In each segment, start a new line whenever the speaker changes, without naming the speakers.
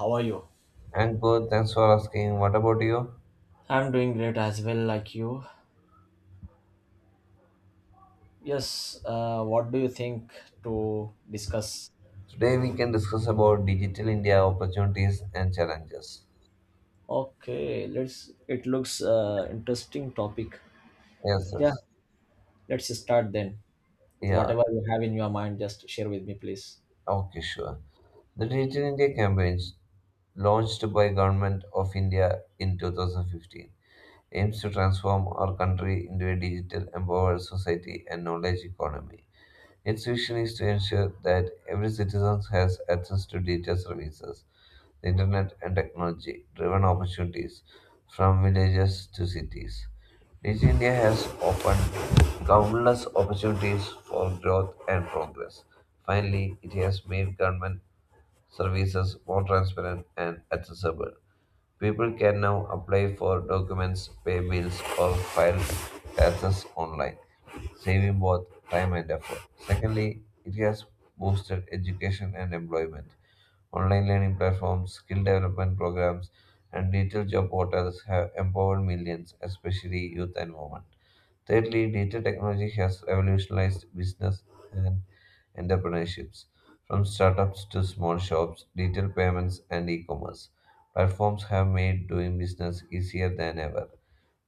How are you?
And good, thanks for asking. What about you?
I'm doing great as well, like you. Yes, what do you think to discuss?
Today we can discuss about digital India opportunities and challenges.
Okay, let's. It looks interesting topic.
Yes,
Yeah,
yes.
let's start then.
Yeah,
Whatever you have in your mind, just share with me, please.
okay, sure. The Digital India campaign, launched by Government of India in 2015, aims to transform our country into a digital empowered society and knowledge economy. Its vision is to ensure that every citizen has access to digital services, the internet, and technology driven opportunities from villages to cities. Digital India has opened countless opportunities for growth and progress. Finally, it has made government services more transparent and accessible. People can now apply for documents, pay bills, or file taxes online, saving both time and effort. Secondly, it has boosted education and employment. Online learning platforms, skill development programs, and digital job portals have empowered millions, especially youth and women. Thirdly, digital technology has revolutionized business and entrepreneurships, from startups to small shops, digital payments, and e commerce. Platforms have made doing business easier than ever.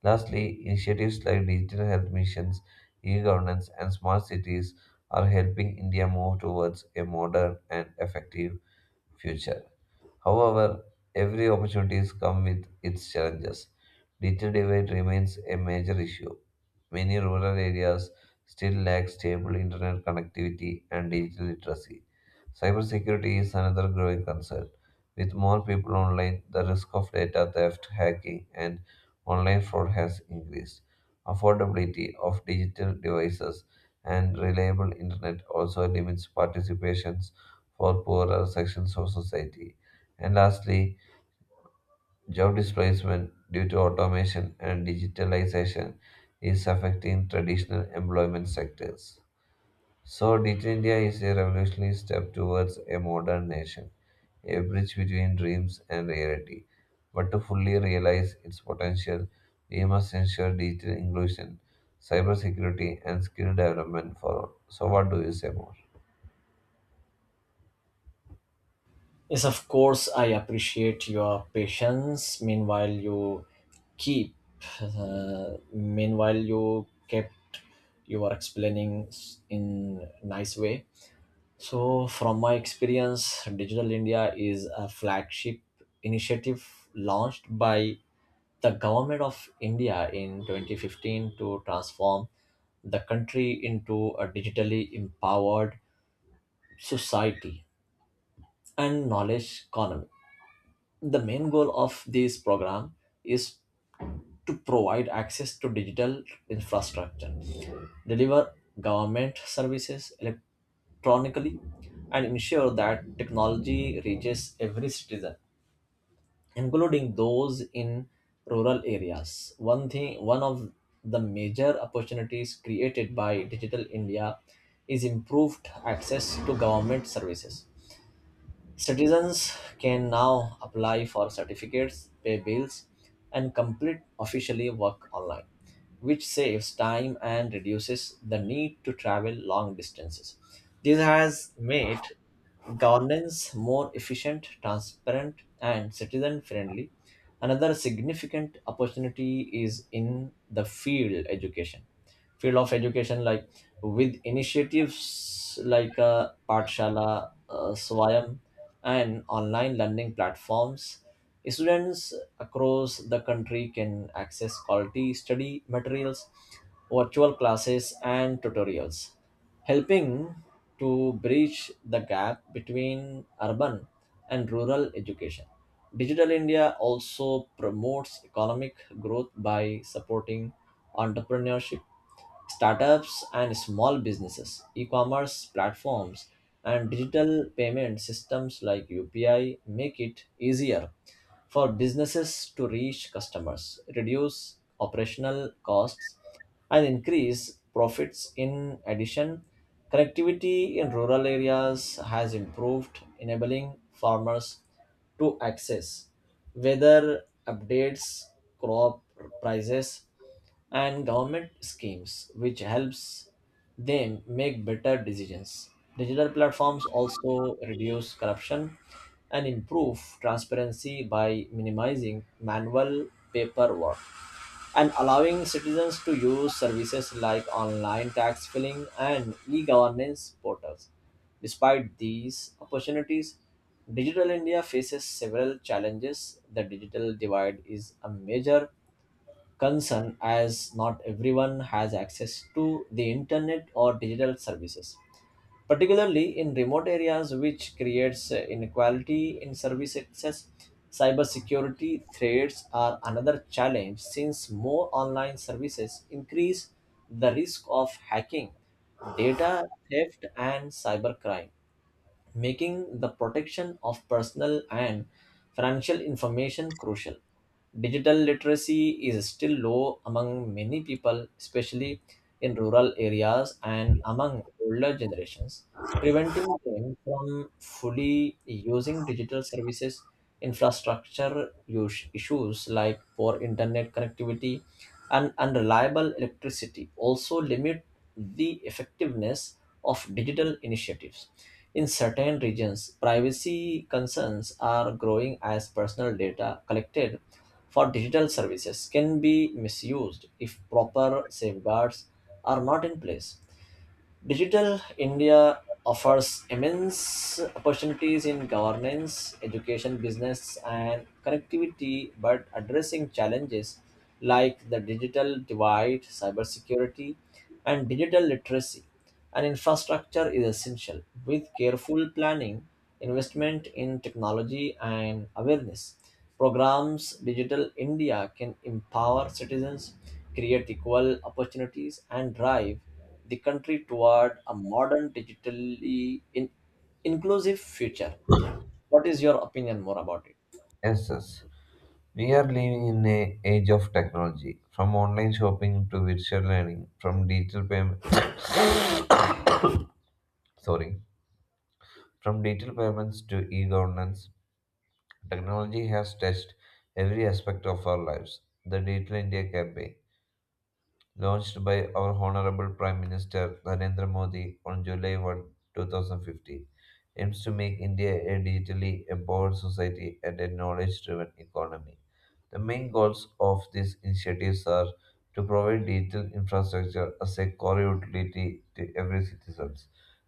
Lastly, initiatives like digital health missions, e governance, and smart cities are helping India move towards a modern and effective future. However, every opportunity comes with its challenges. Digital divide remains a major issue. Many rural areas still lack stable internet connectivity and digital literacy. Cybersecurity is another growing concern. With more people online, the risk of data theft, hacking, and online fraud has increased. Affordability of digital devices and reliable internet also limits participations for poorer sections of society. And lastly, job displacement due to automation and digitalization is affecting traditional employment sectors. So, Digital India is a revolutionary step towards a modern nation, a bridge between dreams and reality. But to fully realize its potential, we must ensure digital inclusion, cybersecurity, and skill development for all. So, what do you say more?
Yes, of course, I appreciate your patience. Keep, uh, meanwhile, you kept your explaining in nice way. So, from my experience, Digital India is a flagship initiative launched by the government of India in 2015 to transform the country into a digitally empowered society and knowledge economy. The main goal of this program is to provide access to digital infrastructure, deliver government services electronically, and ensure that technology reaches every citizen, including those in rural areas. One of the major opportunities created by Digital India is improved access to government services. Citizens can now apply for certificates, pay bills, and complete officially work online, which saves time and reduces the need to travel long distances. This has made governance more efficient, transparent, and citizen friendly. Another significant opportunity is in the field of education, like with initiatives like Paathshala, Swayam, and online learning platforms. Students across the country can access quality study materials, virtual classes, and tutorials, helping to bridge the gap between urban and rural education. Digital India also promotes economic growth by supporting entrepreneurship, startups, and small businesses. E commerce platforms and digital payment systems like UPI make it easier for businesses to reach customers, reduce operational costs, and increase profits. In addition, connectivity in rural areas has improved, enabling farmers to access, whether updates, crop prices, and government schemes, which helps them make better decisions. Digital platforms also reduce corruption and improve transparency by minimizing manual paperwork and allowing citizens to use services like online tax filing and e governance portals. Despite these opportunities, Digital India faces several challenges. The digital divide is a major concern, as not everyone has access to the internet or digital services, particularly in remote areas, which creates inequality in service access. Cybersecurity threats are another challenge, since more online services increase the risk of hacking, data theft, and cybercrime, making the protection of personal and financial information crucial. Digital literacy is still low among many people, especially in rural areas and among older generations, preventing them from fully using digital services. Infrastructure issues like poor internet connectivity and unreliable electricity also limit the effectiveness of digital initiatives. In certain regions, privacy concerns are growing as personal data collected for digital services can be misused if proper safeguards are not in place. Digital India offers immense opportunities in governance, education, business, and connectivity, but addressing challenges like the digital divide, cybersecurity, and digital literacy and infrastructure is essential. With careful planning, investment in technology, and awareness, Programs Digital India can empower citizens, create equal opportunities, and drive the country toward a modern, digitally inclusive future. What is your opinion more about it?
Yes, yes. We are living in a age of technology, from online shopping to virtual learning, sorry, from digital payments to e-governance, technology has touched every aspect of our lives. The Digital India Campaign launched by our Honorable Prime Minister Narendra Modi on July 1, 2015, aims to make India a digitally empowered society and a knowledge driven economy. The main goals of these initiatives are to provide digital infrastructure as a core utility to every citizen,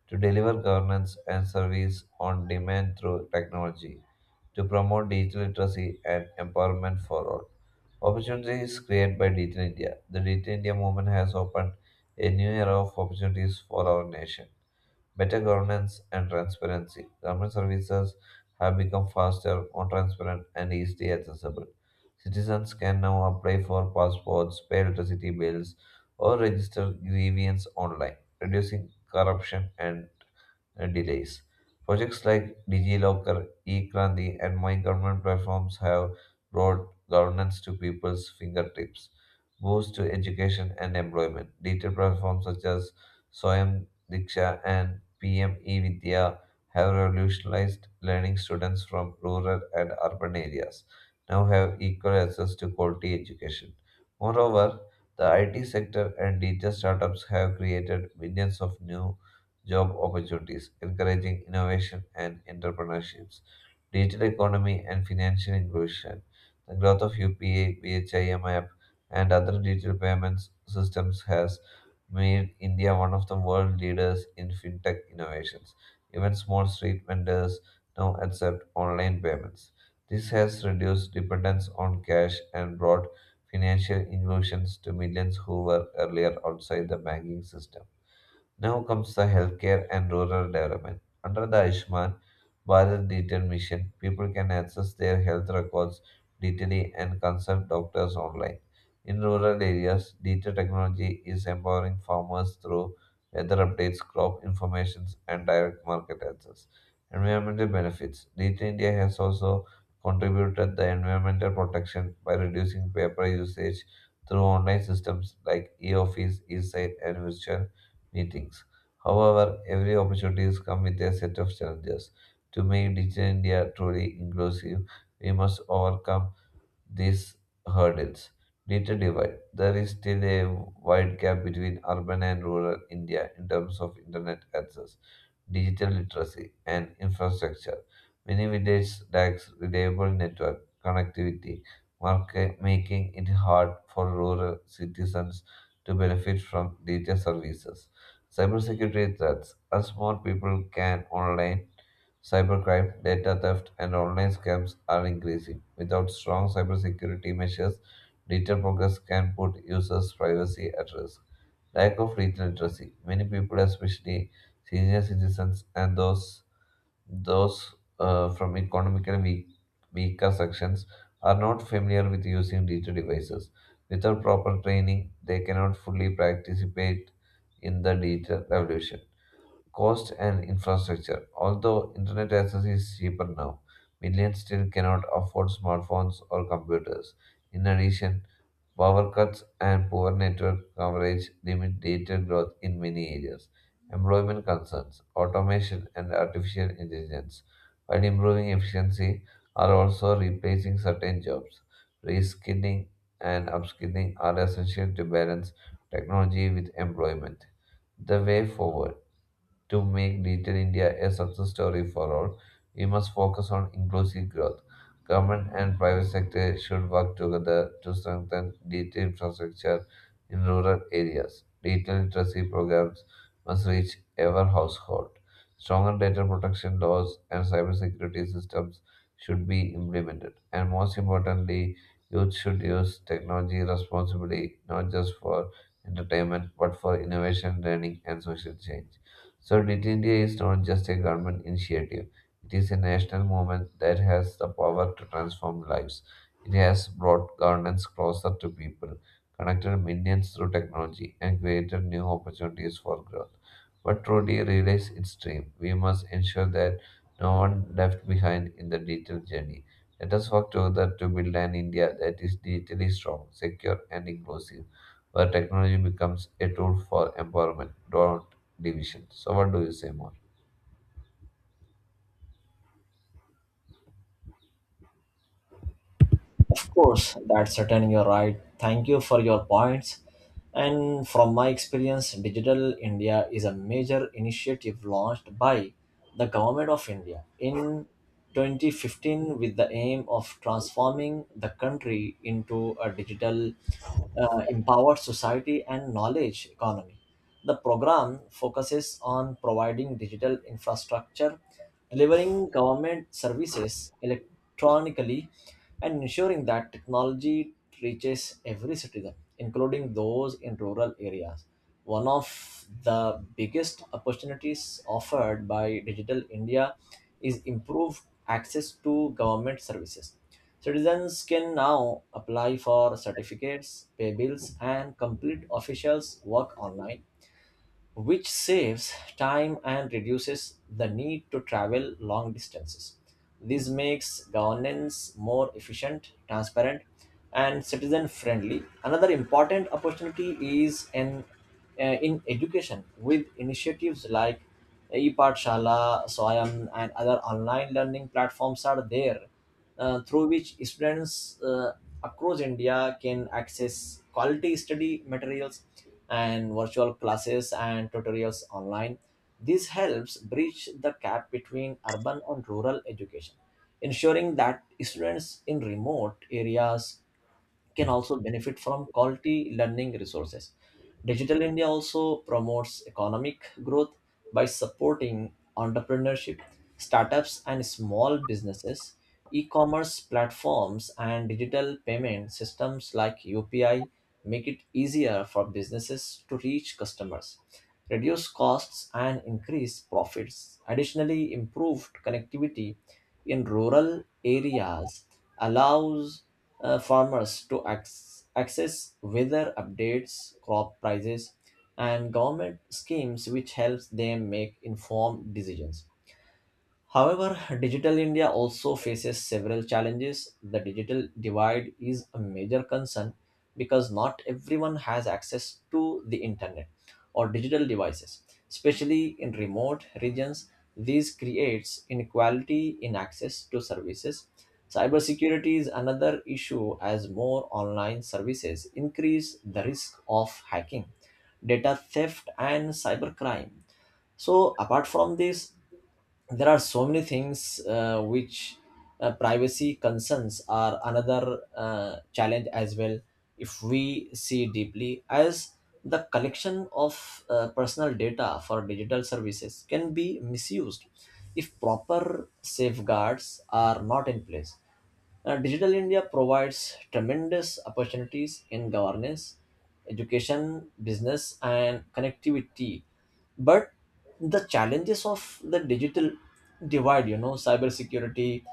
to deliver governance and service on demand through technology, to promote digital literacy and empowerment for all. Opportunities created by Digital India. The Digital India movement has opened a new era of opportunities for our nation. Better governance and transparency. Government services have become faster, more transparent, and easily accessible. Citizens can now apply for passports, pay electricity bills, or register grievance online, reducing corruption and delays. Projects like DigiLocker, eKranti, and My Government platforms have brought governance to people's fingertips, boost to education and employment. Digital platforms such as Soyam Diksha and PM eVidya have revolutionized learning students from rural and urban areas now have equal access to quality education. Moreover, the IT sector and digital startups have created millions of new job opportunities, encouraging innovation and entrepreneurships, digital economy and financial inclusion. The growth of UPA, BHIM app, and other digital payments systems has made India one of the world leaders in fintech innovations. Even small street vendors now accept online payments. This has reduced dependence on cash and brought financial inclusions to millions who were earlier outside the banking system. Now comes the healthcare and rural development. Under the Ayushman Bharat Detail Mission, people can access their health records digitally and consult doctors online. In rural areas, digital technology is empowering farmers through weather updates, crop information, and direct market access. Environmental benefits. Digital India has also contributed the environmental protection by reducing paper usage through online systems like e-office, e-site, and virtual meetings. However, every opportunity comes with a set of challenges. To make Digital India truly inclusive, we must overcome these hurdles. Data divide. There is still a wide gap between urban and rural India in terms of internet access digital literacy, and infrastructure. Many villages lack reliable network connectivity, market, making it hard for rural citizens to benefit from digital services. Cybersecurity threats. As more people can online, cybercrime, data theft, and online scams are increasing. Without strong cybersecurity measures, digital progress can put users' privacy at risk. Lack of read literacy. Many people, especially senior citizens and those from economically weaker sections, are not familiar with using digital devices. Without proper training, they cannot fully participate in the digital revolution cost and infrastructure. Although internet access is cheaper now, millions still cannot afford smartphones or computers. In addition, power cuts and poor network coverage limit data growth in many areas. Employment concerns, automation, and artificial intelligence, while improving efficiency, are also replacing certain jobs. Reskilling and upskilling are essential to balance technology with employment. The way forward to make Digital India a success story for all, we must focus on inclusive growth. Government and private sector should work together to strengthen digital infrastructure in rural areas. Digital literacy programs must reach every household. Stronger data protection laws and cybersecurity systems should be implemented. And most importantly, youth should use technology responsibly, not just for entertainment, but for innovation, learning, and social change. So, Digital India is not just a government initiative, it is a national movement that has the power to transform lives. It has brought governance closer to people, connected millions through technology, and created new opportunities for growth. But truly realize its dream, we must ensure that no one left behind in the digital journey. Let us work together to build an India that is digitally strong, secure, and inclusive, where technology becomes a tool for empowerment, not division. So, what do you say more?
Of course, that's certain, you're right. Thank you for your points. And from my experience, Digital India is a major initiative launched by the Government of India in 2015 with the aim of transforming the country into a digital, empowered society and knowledge economy. The program focuses on providing digital infrastructure, delivering government services electronically, and ensuring that technology reaches every citizen, including those in rural areas. One of the biggest opportunities offered by Digital India is improved access to government services. Citizens can now apply for certificates, pay bills, and complete officials' work online, which saves time and reduces the need to travel long distances. This makes governance more efficient, transparent, and citizen friendly. Another important opportunity is in education, with initiatives like ePathshala, Swayam, and other online learning platforms are there, through which students across India can access quality study materials and virtual classes and tutorials online. This helps bridge the gap between urban and rural education, ensuring that students in remote areas can also benefit from quality learning resources. Digital India also promotes economic growth by supporting entrepreneurship, startups, and small businesses, e commerce platforms, and digital payment systems like UPI make it easier for businesses to reach customers, reduce costs, and increase profits. Additionally, improved connectivity in rural areas allows farmers to access weather updates, crop prices, and government schemes, which helps them make informed decisions. However, Digital India also faces several challenges. The digital divide is a major concern because not everyone has access to the internet or digital devices, especially in remote regions. This creates inequality in access to services. Cybersecurity is another issue, as more online services increase the risk of hacking, data theft, and cybercrime. So, apart from this, there are so many things, which, privacy concerns are another challenge as well, if we see deeply, as the collection of personal data for digital services can be misused if proper safeguards are not in place. Digital India provides tremendous opportunities in governance, education, business, and connectivity. But the challenges of the digital divide, you know, cybersecurity,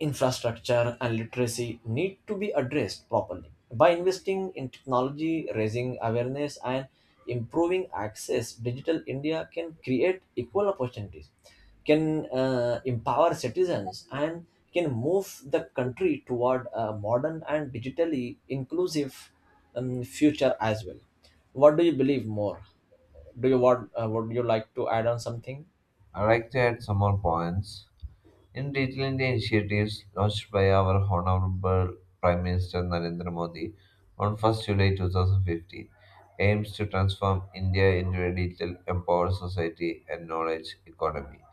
infrastructure, and literacy need to be addressed properly. By investing in technology, raising awareness, and improving access, digital india can create equal opportunities, can empower citizens, and can move the country toward a modern and digitally inclusive future as well. What do you believe more? Do you want, would you like to add on something?
I'd like to add some more points. In detailing the initiatives launched by our Honorable Prime Minister Narendra Modi on 1 July 2015, aims to transform India into a digital empowered society and knowledge economy.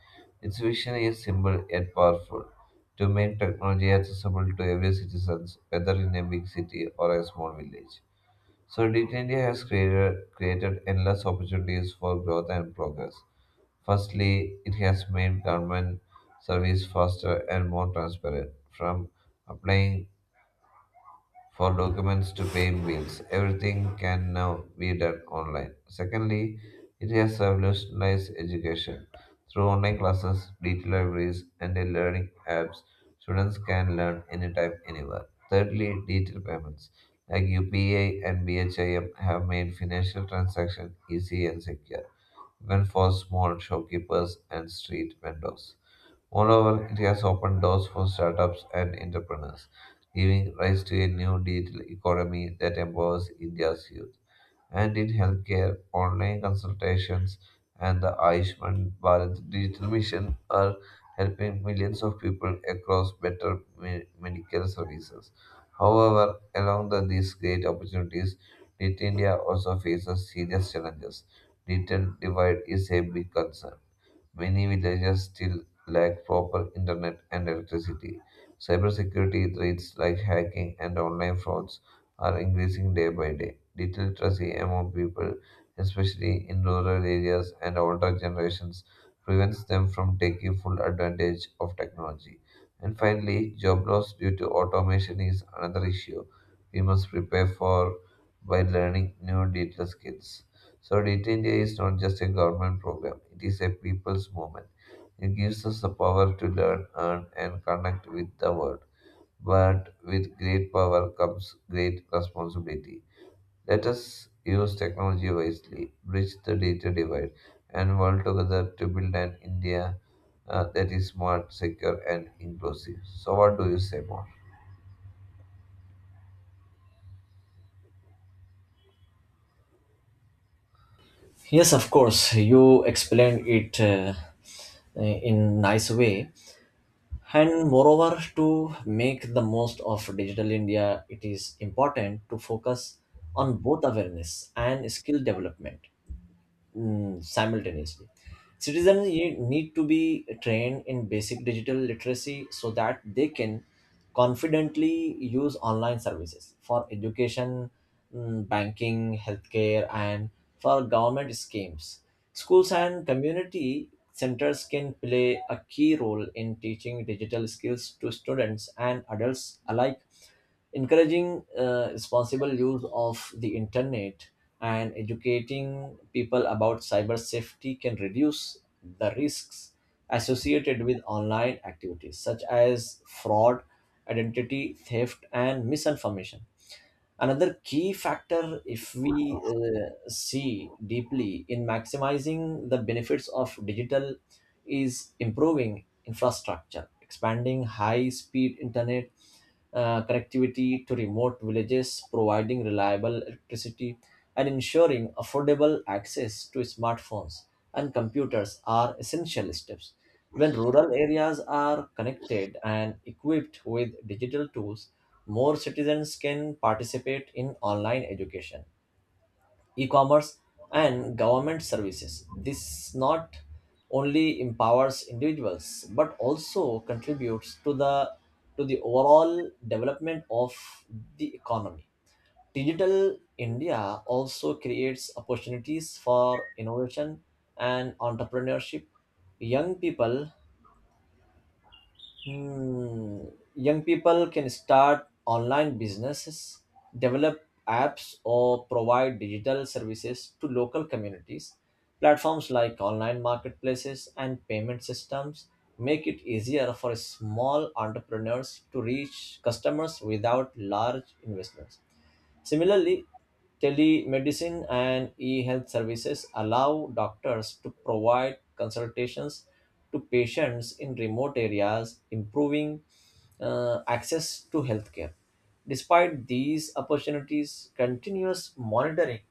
Its vision is simple yet powerful to make technology accessible to every citizen, whether in a big city or a small village. So, Digital India has created endless opportunities for growth and progress. Firstly, it has made government service faster and more transparent, from applying for documents to paying bills. Everything can now be done online. Secondly, it has revolutionized education. Through online classes, digital libraries, and the learning apps, students can learn anytime, anywhere. Thirdly, digital payments like UPI and BHIM have made financial transactions easy and secure, even for small shopkeepers and street vendors. Moreover, it has opened doors for startups and entrepreneurs, giving rise to a new digital economy that empowers India's youth. And in healthcare, online consultations and the Ayushman Bharat Digital Mission are helping millions of people across better medical services. However, along the, these great opportunities, Digital India also faces serious challenges. Digital divide is a big concern many villages still lack proper internet and electricity. Cybersecurity threats like hacking and online frauds are increasing day by day. Literacy among people, especially in rural areas and older generations, prevents them from taking full advantage of technology. And finally, job loss due to automation is another issue we must prepare for by learning new digital skills. So, Digital India is not just a government program, it is a people's movement. It gives us the power to learn, earn, and connect with the world. But with great power comes great responsibility. Let us use technology wisely, bridge the data divide, and work together to build an India that is smart, secure, and inclusive. So, what do you say more?
Yes, of course, you explained it in nice way. And moreover, to make the most of digital India, it is important to focus on both awareness and skill development, simultaneously. Citizens need to be trained in basic digital literacy so that they can confidently use online services for education, banking, healthcare, and for government schemes. Schools and community centers can play a key role in teaching digital skills to students and adults alike, encouraging responsible use of the internet, and educating people about cyber safety can reduce the risks associated with online activities such as fraud, identity theft, and misinformation. Another key factor, if we see deeply in maximizing the benefits of digital, is improving infrastructure, expanding high speed internet connectivity to remote villages, providing reliable electricity, and ensuring affordable access to smartphones and computers are essential steps. When rural areas are connected and equipped with digital tools, more citizens can participate in online education, e-commerce, and government services. This not only empowers individuals but also contributes to the overall development of the economy. Digital India also creates opportunities for innovation and entrepreneurship. Young people Hmm. Young people can start online businesses, develop apps, or provide digital services to local communities. Platforms like online marketplaces and payment systems make it easier for small entrepreneurs to reach customers without large investments. Similarly, telemedicine and e health services allow doctors to provide consultations to patients in remote areas, improving access to healthcare. Despite these opportunities, continuous monitoring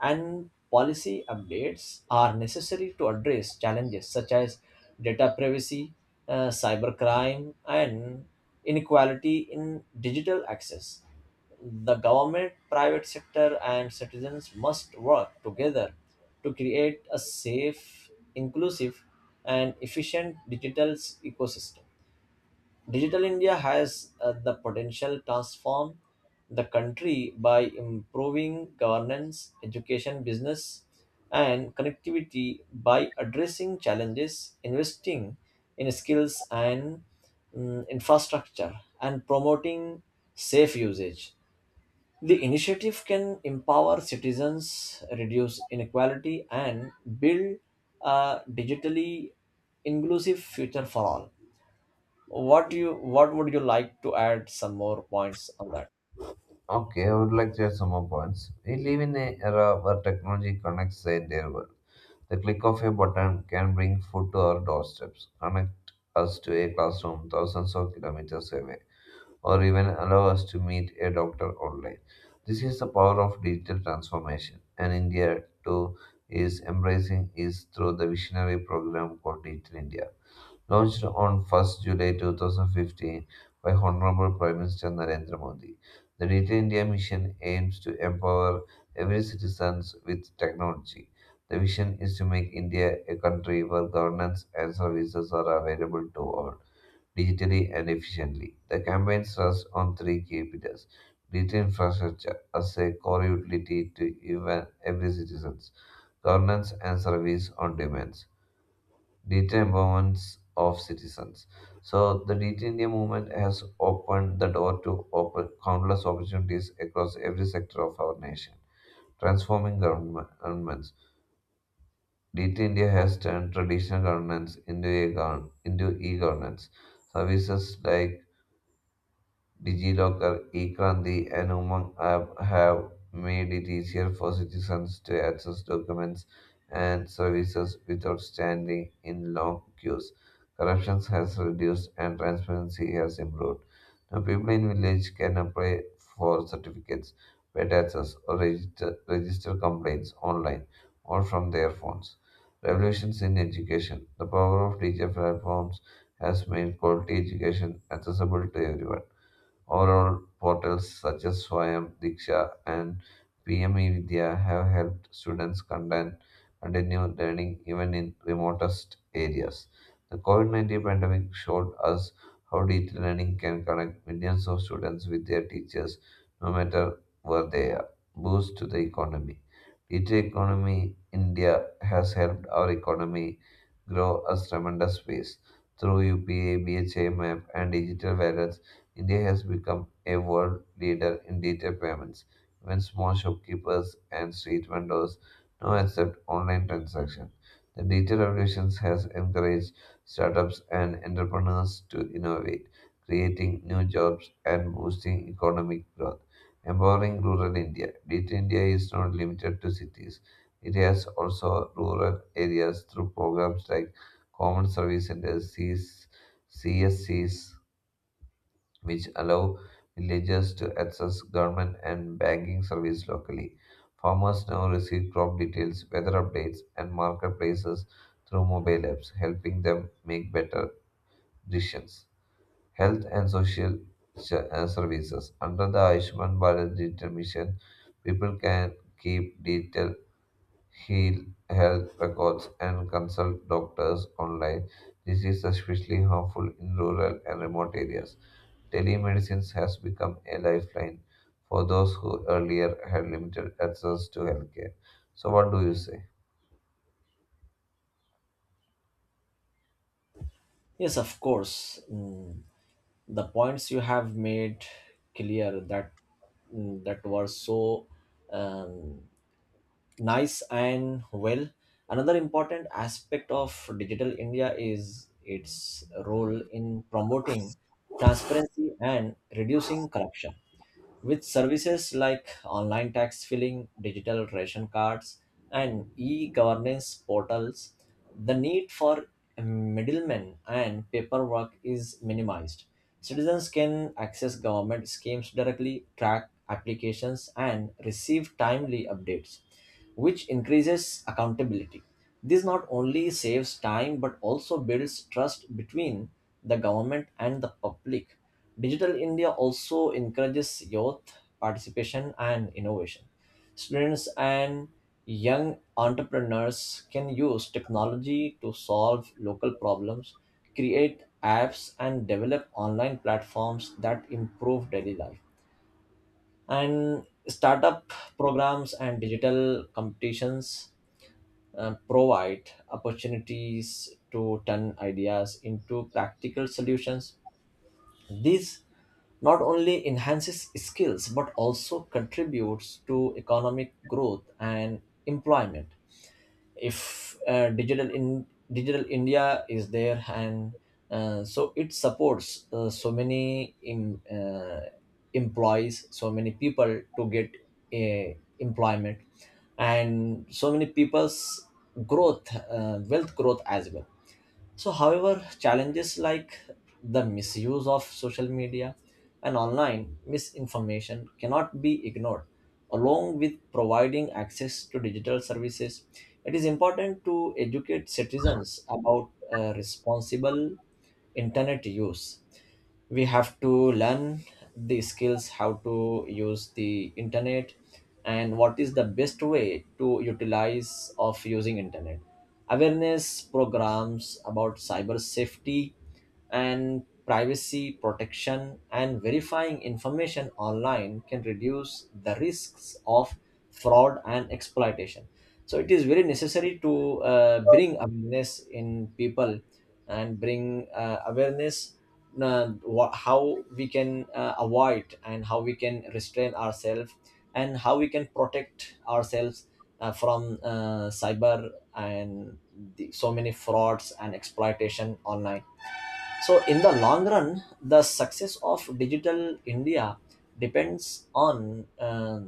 and policy updates are necessary to address challenges such as data privacy, cybercrime, and inequality in digital access. The government, private sector, and citizens must work together to create a safe, inclusive, and efficient digital ecosystem. Digital India has the potential transform the country by improving governance, education, business, and connectivity. By addressing challenges, investing in skills and, infrastructure, and promoting safe usage. The initiative can empower citizens, reduce inequality, and build a digitally inclusive future for all. What you, what would you like to add some more points on that?
Okay, I would like to add some more points. We live in an era where technology connects the entire world. The click of a button can bring food to our doorsteps, connect us to a classroom thousands of kilometers away, or even allow us to meet a doctor online. This is the power of digital transformation, and India too is embracing is through the visionary program called Digital India. Launched on 1 July 2015 by Honorable Prime Minister Narendra Modi, the Digital India Mission aims to empower every citizen with technology. The vision is to make India a country where governance and services are available to all, digitally and efficiently. The campaign rests on three key pillars digital infrastructure as a core utility to even every citizen, governance and service on demand data empowerment of citizens. So the Digi India movement has opened the door to open countless opportunities across every sector of our nation. Transforming governments, Digi India has turned traditional governance into e-governance. Services like DigiLocker, eKranti, and Umang app have made it easier for citizens to access documents and services without standing in long queues. Corruption has reduced and transparency has improved. Now, people in village can apply for certificates, pay taxes, or register complaints online or from their phones. Revolutions in education. The power of digital platforms has made quality education accessible to everyone. Overall, portals such as Swayam, Diksha, and PME Vidya have helped students continue learning even in remotest areas. The COVID 19 pandemic showed us how digital learning can connect millions of students with their teachers no matter where they are. Boost to the economy. Digital economy India has helped our economy grow a tremendous pace through UPA, BHA and digital wallet India has become a world leader in digital payments. Even small shopkeepers and street vendors now accept online transactions. The digital revolution has encouraged startups and entrepreneurs to innovate, creating new jobs and boosting economic growth. Empowering rural India. Digital India is not limited to cities. It has also rural areas through programs like Common Service Centers, C S CS, CSCs, which allow villagers to access government and banking services locally. Farmers now receive crop details, weather updates, and marketplaces through mobile apps, helping them make better decisions. Health and social services. Under the Ayushman Bharat Digital Mission, people can keep detailed heal health records and consult doctors online. This is especially harmful in rural and remote areas telemedicine has become a lifeline for those who earlier had limited access to healthcare. So, what do you say?
Yes, of course. The points you have made clear that, that were so, um, nice and well. Another important aspect of digital india is its role in promoting transparency and reducing corruption. With services like online tax filing, digital ration cards, and e governance portals, the need for middlemen and paperwork is minimized. Citizens can access government schemes directly, track applications, and receive timely updates, which increases accountability. This not only saves time but also builds trust between the government and the public. Digital India also encourages youth participation and innovation. Students and young entrepreneurs can use technology to solve local problems, create apps, and develop online platforms that improve daily life. And startup programs and digital competitions, provide opportunities to turn ideas into practical solutions. This not only enhances skills but also contributes to economic growth and employment. If digital India is there, and so it supports so many employees, so many people to get employment, and so many people's growth, wealth growth as well. So, however, challenges like the misuse of social media and online misinformation cannot be ignored. Along with providing access to digital services, it is important to educate citizens about responsible internet use. We have to learn the skills how to use the internet and what is the best way to utilize of using internet. Awareness programs about cyber safety and privacy protection and verifying information online can reduce the risks of fraud and exploitation. So it is very necessary to bring awareness in people, and bring awareness, how we can avoid, and how we can restrain ourselves, and how we can protect ourselves from cyber and the, so many frauds and exploitation online. So, in the long run, the success of Digital India depends on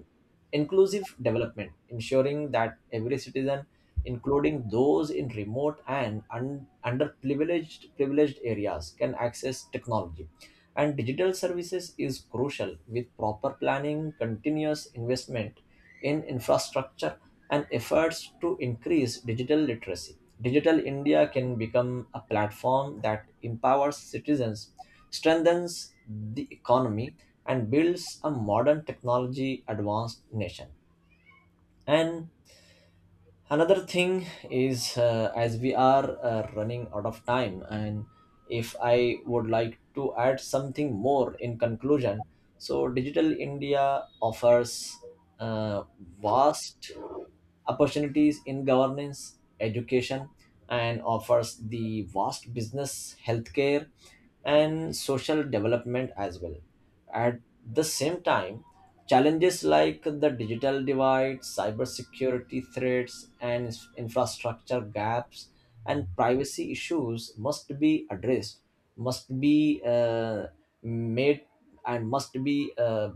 inclusive development. Ensuring that every citizen, including those in remote and un- underprivileged privileged areas, can access technology and digital services is crucial. With proper planning, continuous investment in infrastructure, and efforts to increase digital literacy, Digital India can become a platform that empowers citizens, strengthens the economy, and builds a modern technology advanced nation. And another thing is, as we are running out of time, and if I would like to add something more in conclusion. So digital india offers uh, vast opportunities in governance, education, and offers the vast business, healthcare, and social development as well. At the same time, challenges like the digital divide, cybersecurity threats, and infrastructure gaps and privacy issues must be addressed, must be, made, and must be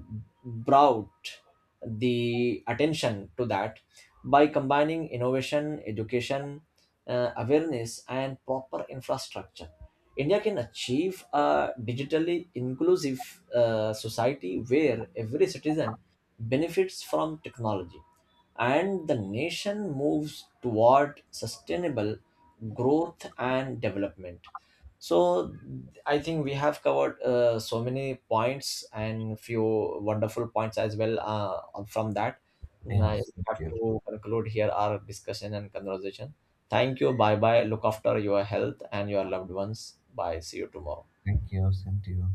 brought the attention to that. By combining innovation, education, awareness, and proper infrastructure, India can achieve a digitally inclusive society where every citizen benefits from technology and the nation moves toward sustainable growth and development. So I think we have covered so many points and few wonderful points as well from that. Now
Yes.
we have
Yeah.
to conclude here our discussion and conversation. Thank you. Bye bye. Look after your health and your loved ones. Bye. See you tomorrow.
Thank you. Same to you.